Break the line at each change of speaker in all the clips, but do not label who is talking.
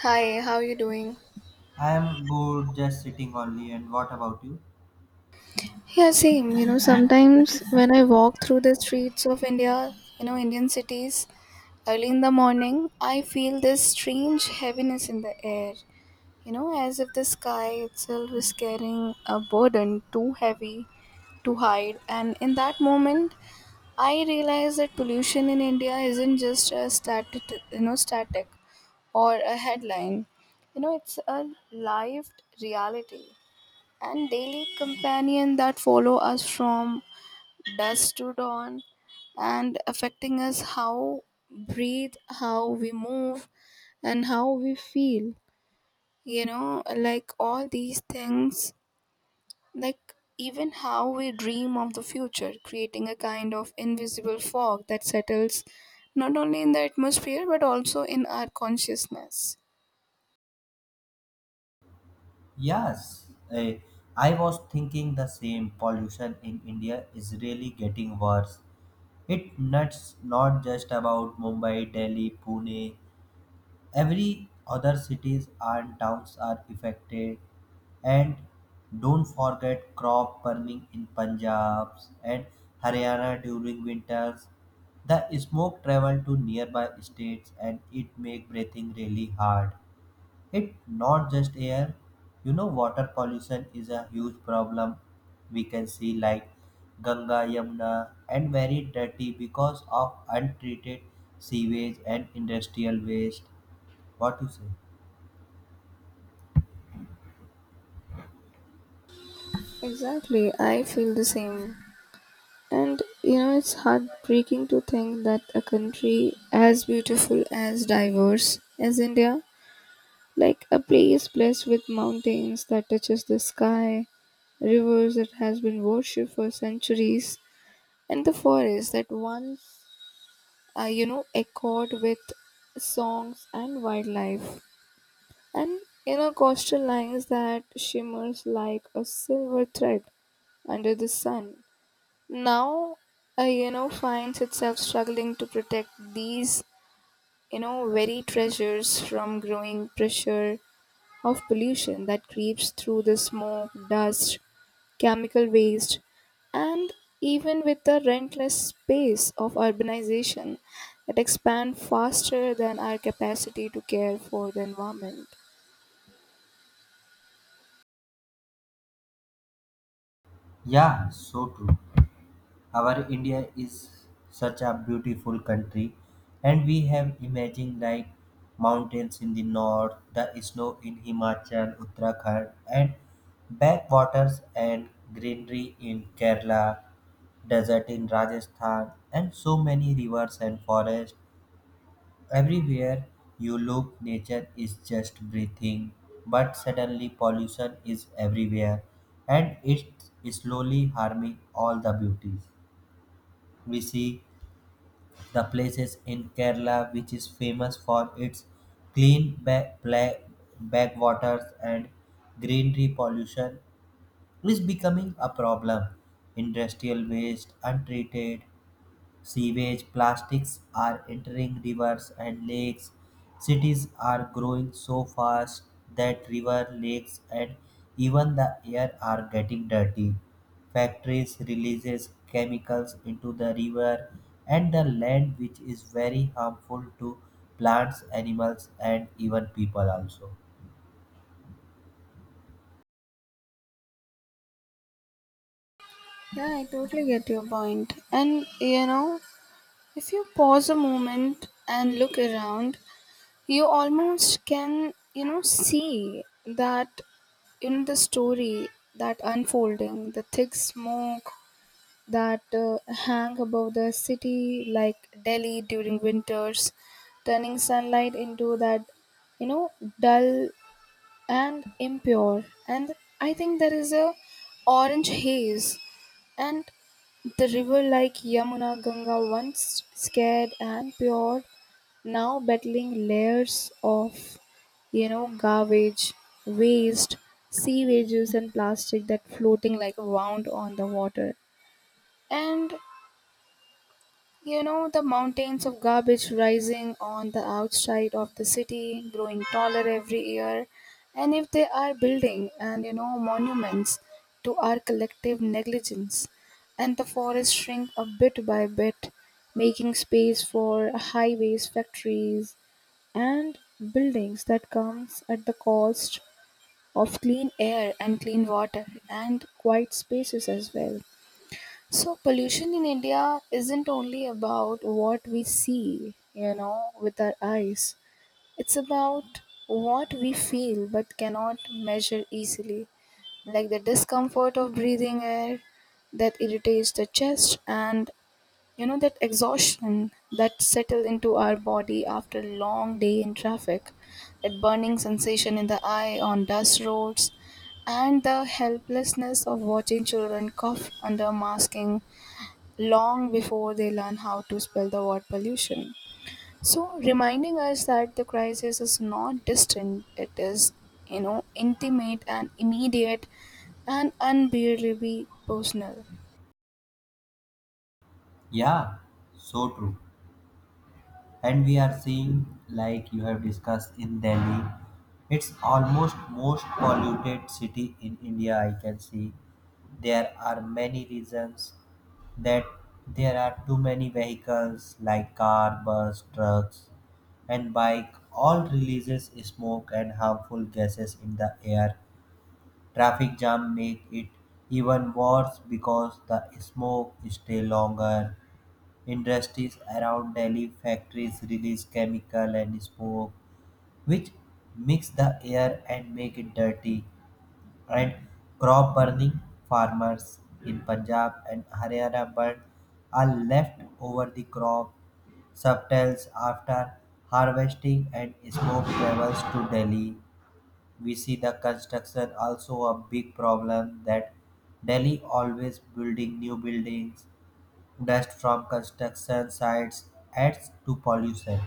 Hi, how are you doing?
I am good, just sitting only. And what about you?
Yeah, same. Sometimes when I walk through the streets of India, Indian cities, early in the morning, I feel this strange heaviness in the air. You know, as if the sky itself is carrying a burden too heavy to hide. And in that moment, I realize that pollution in India isn't just a static, static or a headline. You know, it's a lived reality and daily companion that follow us from dusk to dawn and affecting us how breathe, how we move, and how we feel, like all these things, like even how we dream of the future, creating a kind of invisible fog that settles not only in the atmosphere but also in our consciousness.
Yes, I was thinking the same. Pollution in India is really getting worse. It nuts not just about Mumbai, Delhi, Pune. Every other cities and towns are affected. And don't forget crop burning in Punjab and Haryana during winters. The smoke travel to nearby states and it make breathing really hard. It not just air, you know, water pollution is a huge problem. We can see like Ganga, Yamuna, and very dirty because of untreated sewage and industrial waste. What you say?
Exactly, I feel the same. And you know, it's heartbreaking to think that a country as beautiful, as diverse as India, like a place blessed with mountains that touches the sky, rivers that has been worshipped for centuries, and the forests that once, echoed with songs and wildlife, and coastal lines that shimmers like a silver thread under the sun, now finds itself struggling to protect these, very treasures, from growing pressure of pollution that creeps through the smoke, dust, chemical waste, and even with the relentless pace of urbanization that expand faster than our capacity to care for the environment.
Yeah, so true. Our India is such a beautiful country, and we have imagine like mountains in the north, the snow in Himachal, Uttarakhand, and backwaters and greenery in Kerala, desert in Rajasthan, and so many rivers and forests. Everywhere you look, nature is just breathing, but suddenly pollution is everywhere, and it's slowly harming all the beauties we see. The places in Kerala which is famous for its clean backwaters and greenery pollution is becoming a problem. Industrial waste, untreated sewage plastics are entering rivers and lakes. Cities are growing so fast that river, lakes, and even the air are getting dirty. Factories releases chemicals into the river and the land which is very harmful to plants, animals and even people also.
Yeah, I totally get your point. And you know, if you pause a moment and look around, you almost can, see that in the story that unfolding, the thick smoke that hang above the city like Delhi during winters, turning sunlight into that, you know dull and impure, and I think there is a orange haze. And the river like Yamuna, Ganga, once scared and pure, now battling layers of, garbage, waste, sewages, and plastic that floating like wound on the water. And you know, the mountains of garbage rising on the outside of the city, growing taller every year. And if they are building, and, you know, monuments to our collective negligence, and the forests shrink a bit by bit, making space for highways, factories, and buildings that comes at the cost of clean air and clean water and quiet spaces as well. So pollution in India isn't only about what we see, you know, with our eyes. It's about what we feel but cannot measure easily, like the discomfort of breathing air that irritates the chest, and you know, that exhaustion that settle into our body after a long day in traffic, that burning sensation in the eye on dust roads, and the helplessness of watching children cough under masking long before they learn how to spell the word pollution. So, reminding us that the crisis is not distant, it is, you know, intimate and immediate and unbearably personal.
Yeah, so true. And we are seeing like you have discussed in Delhi, it's almost most polluted city in India, I can see. There are many reasons that there are too many vehicles like car, bus, trucks and bike, all releases smoke and harmful gases in the air. Traffic jam make it even worse because the smoke stay longer. Industries around Delhi factories release chemical and smoke which mix the air and make it dirty. And crop burning farmers in Punjab and Haryana burn are left over the crop subtles after harvesting and smoke travels to Delhi. We see the construction also a big problem that Delhi always building new buildings. Dust from construction sites adds to pollution.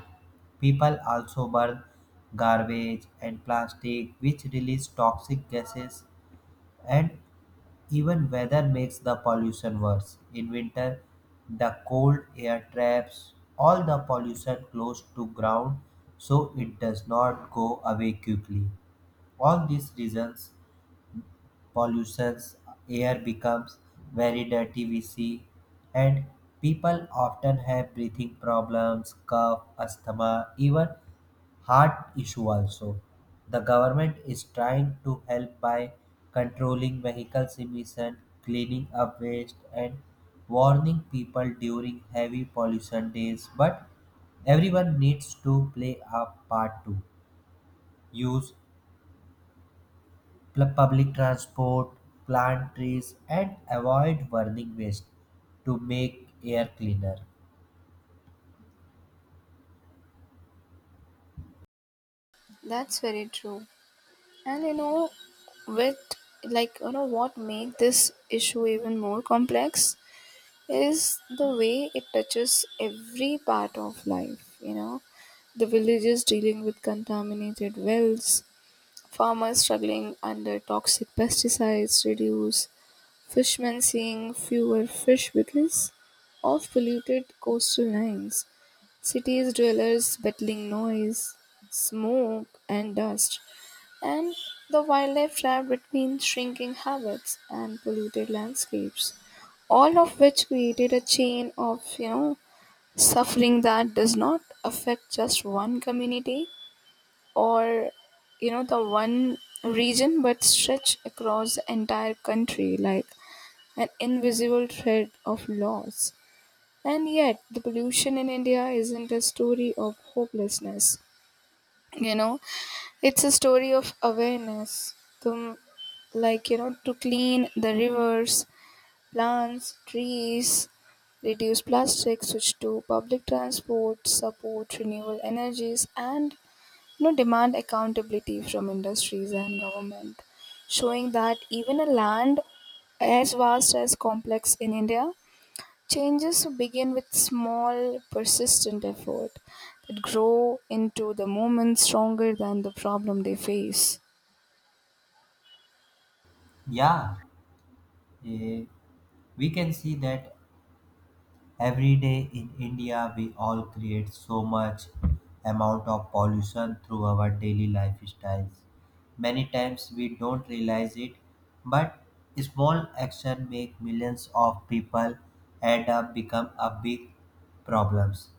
People also burn garbage and plastic, which release toxic gases, and even weather makes the pollution worse. In winter, the cold air traps all the pollution close to ground so it does not go away quickly. All these reasons pollutions, air becomes very dirty, we see, and people often have breathing problems, cough, asthma, even heart issue also. The government is trying to help by controlling vehicles emission, cleaning up waste, and warning people during heavy pollution days, but everyone needs to play a part too. Use public transport, plant trees, and avoid burning waste to make air cleaner.
That's very true. And you know, with what make this issue even more complex is the way it touches every part of life. You know, the villages dealing with contaminated wells, farmers struggling under toxic pesticides reduce, fishermen seeing fewer fish because of polluted coastal lines. Cities dwellers battling noise, smoke, and dust, and the wildlife trapped between shrinking habits and polluted landscapes. All of which created a chain of, you know, suffering that does not affect just one community or, the one region, but stretch across the entire country like an invisible thread of laws. And yet the pollution in India isn't a story of hopelessness. you know it's a story of awareness to, to clean the rivers, plants trees, reduce plastic, switch to public transport, support renewable energies, and no demand accountability from industries and government, showing that even a land as vast as complex in India, changes begin with small, persistent effort that grow into the movement stronger than the problem they face.
Yeah, eh, we can see that every day in India we all create so much amount of pollution through our daily lifestyles. Many times we don't realize it, but small action make millions of people add up become a big problems.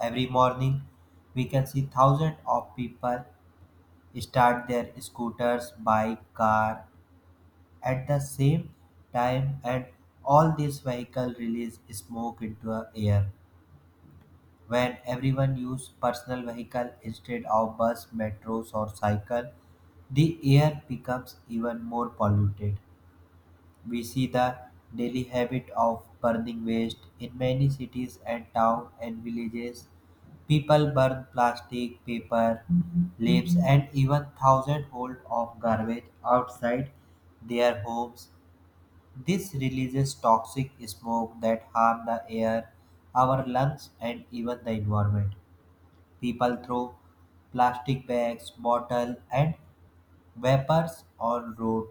Every morning, we can see thousands of people start their scooters, bike, car at the same time, and all these vehicles release smoke into the air. When everyone use personal vehicle instead of bus, metros, or cycle, the air becomes even more polluted. We see the daily habit of burning waste in many cities and towns and villages. People burn plastic, paper, leaves, and even thousands of garbage outside their homes. This releases toxic smoke that harm the air, our lungs, and even the environment. People throw plastic bags, bottles, and vapors on road,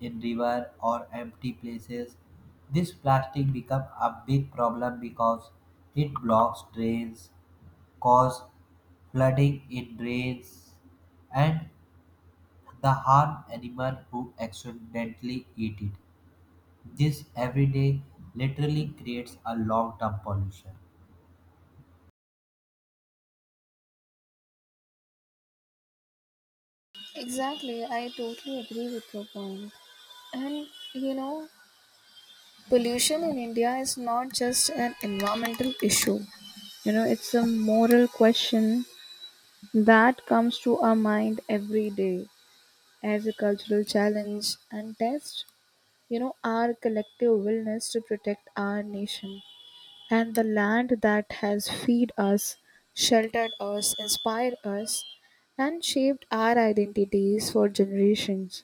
in river, or empty places. This plastic become a big problem because it blocks drains, cause flooding in drains and the harm animal who accidentally eat it. This every day literally creates a long term pollution.
Exactly, I totally agree with your point. And you know, pollution in India is not just an environmental issue. You know, it's a moral question that comes to our mind every day as a cultural challenge and test, you know, our collective willingness to protect our nation and the land that has fed us, sheltered us, inspired us, and shaped our identities for generations.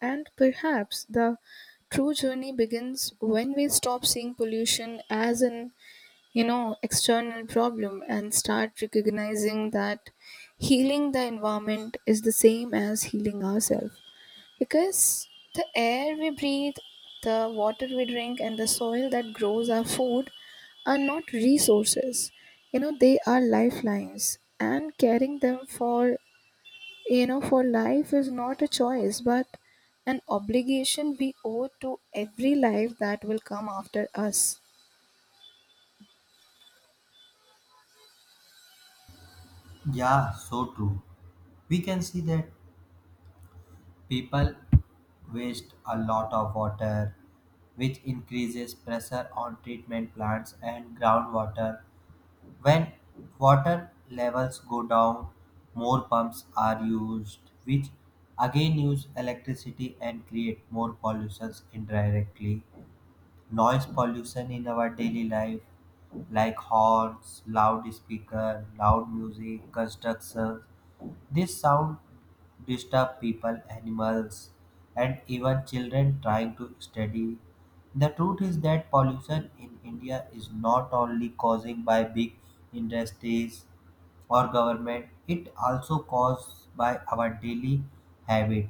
And perhaps the true journey begins when we stop seeing pollution as an, external problem, and start recognizing that healing the environment is the same as healing ourselves, because the air we breathe, the water we drink, and the soil that grows our food are not resources. They are lifelines, and caring them for, for life is not a choice but an obligation we owe to every life that will come after us.
Yeah, so true. We can see that people waste a lot of water, which increases pressure on treatment plants and groundwater. When water levels go down, more pumps are used, which again use electricity and create more pollutions indirectly. Noise pollution in our daily life like horns, loudspeaker, loud music, constructions, this sound disturb people, animals and even children trying to study. The truth is that pollution in India is not only causing by big industries or government, it also caused by our daily habit,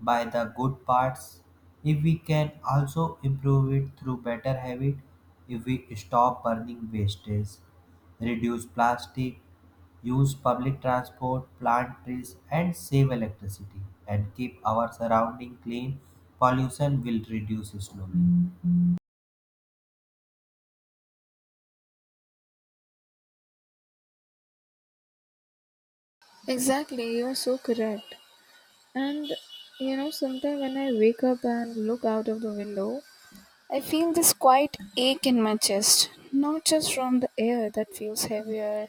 by the good parts. If we can also improve it through better habit, if we stop burning wastage, reduce plastic, use public transport, plant trees, and save electricity, and keep our surrounding clean, pollution will reduce slowly.
Exactly, you are so correct. And you know, sometimes when I wake up and look out of the window, I feel this quiet ache in my chest, not just from the air that feels heavier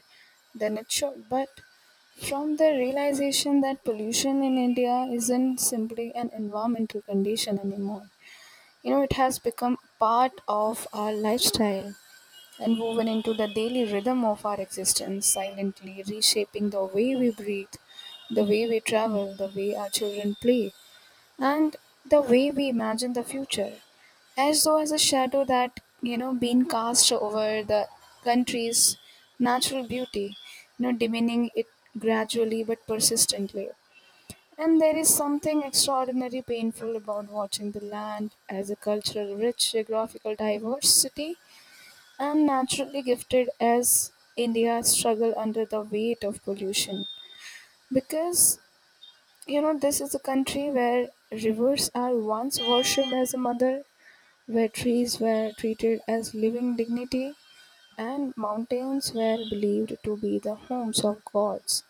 than it should, but from the realization that pollution in India isn't simply an environmental condition anymore. You know, it has become part of our lifestyle and woven into the daily rhythm of our existence, silently reshaping the way we breathe, the way we travel, the way our children play, and the way we imagine the future, as though as a shadow that, being cast over the country's natural beauty, diminishing it gradually but persistently. And there is something extraordinary painful about watching the land as a cultural rich geographical diversity and naturally gifted as India struggle under the weight of pollution, because you know, this is a country where rivers are once worshipped as a mother, where trees were treated as living dignity, and mountains were believed to be the homes of gods,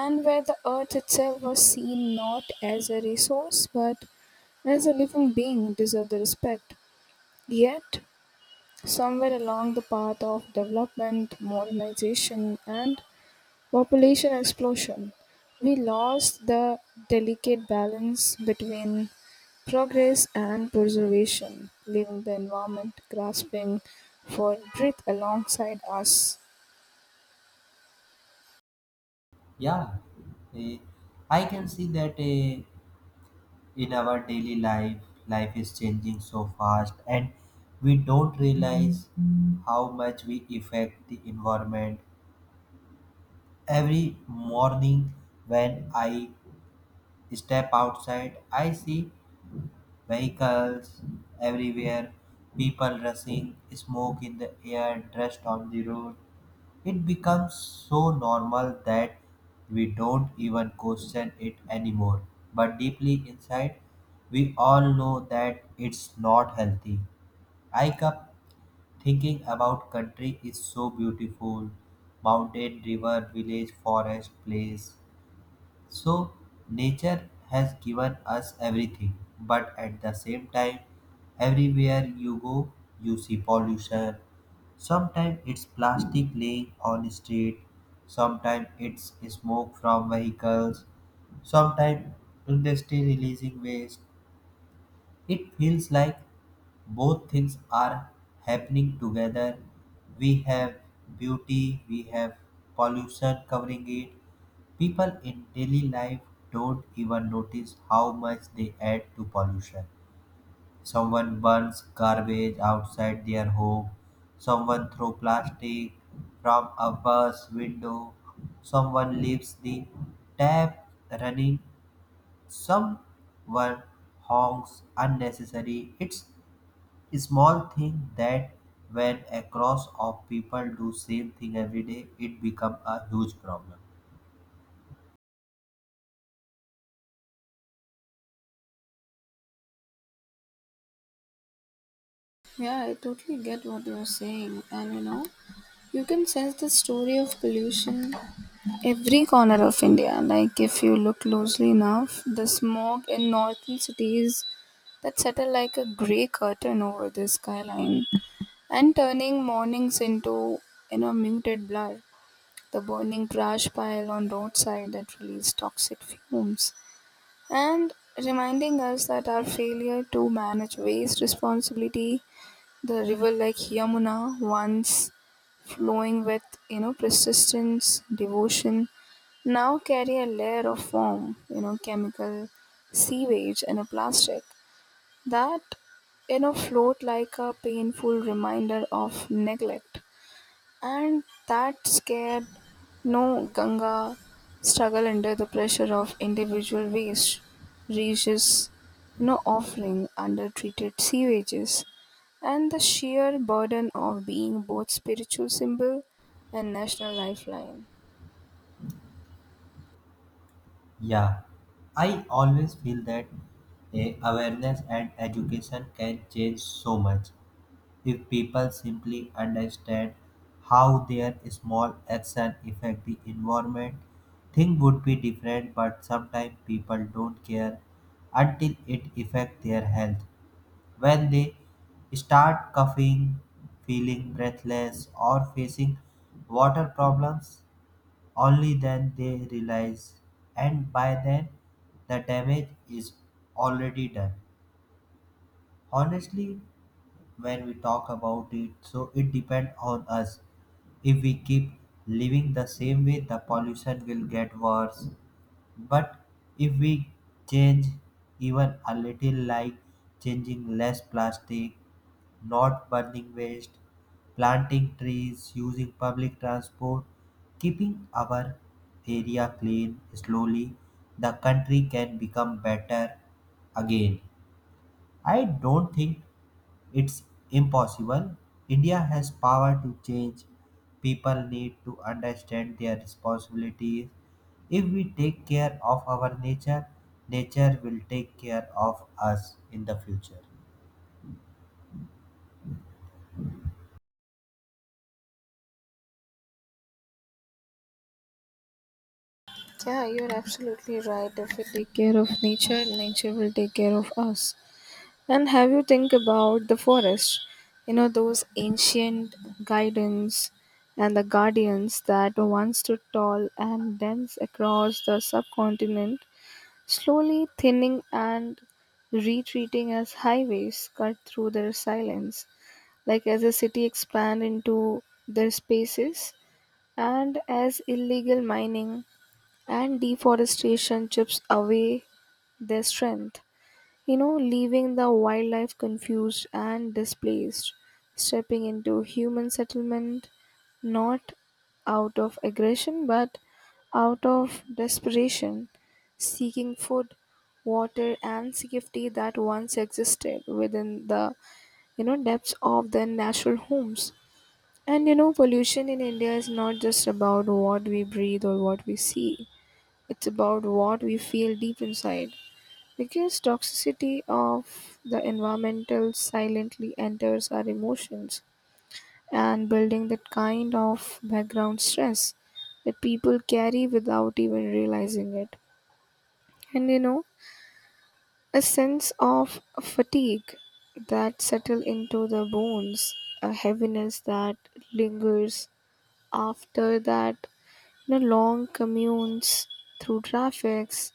and where the earth itself was seen not as a resource but as a living being deserved the respect. Yet, somewhere along the path of development, modernization, and population explosion, we lost the delicate balance between progress and preservation, leaving the environment grasping for breath alongside us.
Yeah, eh, I can see that. In our daily life is changing so fast and we don't realize how much we affect the environment. Every morning when I step outside I see vehicles everywhere, people rushing, smoke in the air, dust on the road. It becomes so normal that we don't even question it anymore. But deeply inside, we all know that it's not healthy. I kept thinking about country is so beautiful, mountain, river, village, forest, place. So, nature has given us everything, but at the same time, everywhere you go, you see pollution. Sometimes it's plastic laying on street, sometimes it's smoke from vehicles, sometimes industry releasing waste. It feels like both things are happening together. We have beauty, we have pollution covering it. People in daily life don't even notice how much they add to pollution. Someone burns garbage outside their home. Someone throws plastic from a bus window. Someone leaves the tap running. Someone honks unnecessary. It's a small thing that when a cross of people do same thing every day, it become a huge problem.
Yeah, I totally get what you're saying. And you know, you can sense the story of pollution every corner of India. Like if you look closely enough, the smog in northern cities that settle like a grey curtain over the skyline and turning mornings into, muted blur. The burning trash pile on roadside that release toxic fumes and reminding us that our failure to manage waste responsibility, the river like Yamuna, once flowing with, persistence, devotion, now carry a layer of foam, you know, chemical, sewage, and a plastic that, float like a painful reminder of neglect. And that scared no Ganga struggle under the pressure of individual waste, reaches, no offering, undertreated sewages, and the sheer burden of being both spiritual symbol and national lifeline.
Yeah, I always feel that awareness and education can change so much. If people simply understand how their small action affect the environment, things would be different, but sometimes people don't care until it affects their health. When they start coughing, feeling breathless or facing water problems, only then they realize, and by then the damage is already done. Honestly, when we talk about it, so it depends on us. If we keep living the same way, the pollution will get worse, but if we change even a little, like changing less plastic, not burning waste, planting trees, using public transport, keeping our area clean, slowly the country can become better again. I don't think it's impossible. India has power to change. People need to understand their responsibilities. If we take care of our nature, nature will take care of us in the future.
Yeah, you're absolutely right. If we take care of nature, nature will take care of us. And have you think about the forest? You know those ancient guidance and the guardians that once stood tall and dense across the subcontinent, slowly thinning and retreating as highways cut through their silence, like as a city expand into their spaces, and as illegal mining and deforestation chips away their strength, leaving the wildlife confused and displaced, stepping into human settlement not out of aggression but out of desperation, seeking food, water, and safety that once existed within the, depths of their natural homes. And you know, pollution in India is not just about what we breathe or what we see. It's about what we feel deep inside because toxicity of the environment silently enters our emotions and building that kind of background stress that people carry without even realizing it. And you know, a sense of fatigue that settle into the bones, a heaviness that lingers after that, you know, long commutes through traffics,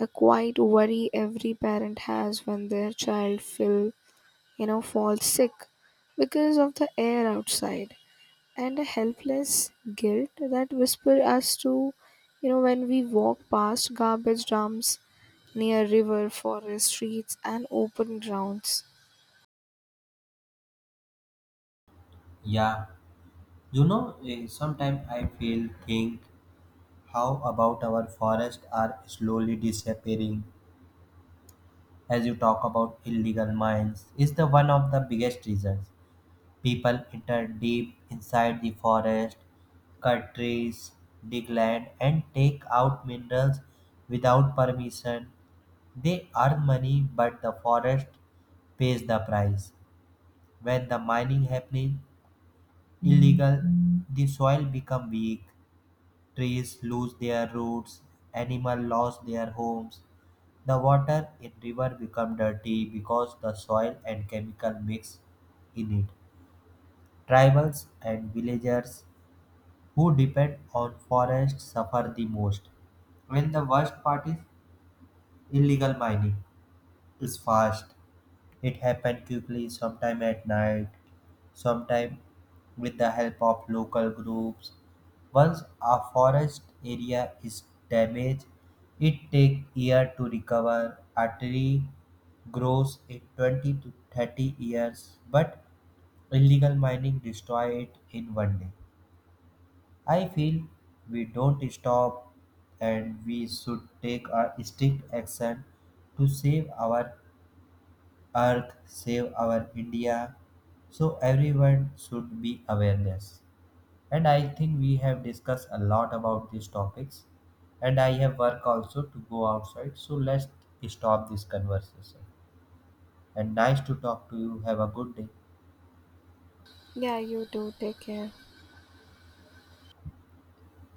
a quiet worry every parent has when their child feel, fall sick because of the air outside, and a helpless guilt that whisper us to, you know, when we walk past garbage dumps near river, forest, streets, and open grounds.
Yeah, you know, sometimes I feel think how about our forests are slowly disappearing. As you talk about illegal mines is the one of the biggest reasons, people enter deep inside the forest, cut trees, dig land, and take out minerals without permission. They earn money, but the forest pays the price. When the mining happening illegal, the soil become weak, trees lose their roots, animal lost their homes. The water in river become dirty because the soil and chemical mix in it. Tribals and villagers who depend on forests suffer the most. And the worst part is illegal mining is fast. It happens quickly, sometime at night, sometime with the help of local groups. Once a forest area is damaged, it takes year to recover. A tree grows in 20 to 30 years, but illegal mining destroy it in one day. I feel we don't stop and we should take a strict action to save our earth, save our India. So everyone should be awareness. And I think we have discussed a lot about these topics. And I have work also to go outside. So let's stop this conversation. And nice to talk to you. Have a good day.
Yeah, you do. Take care.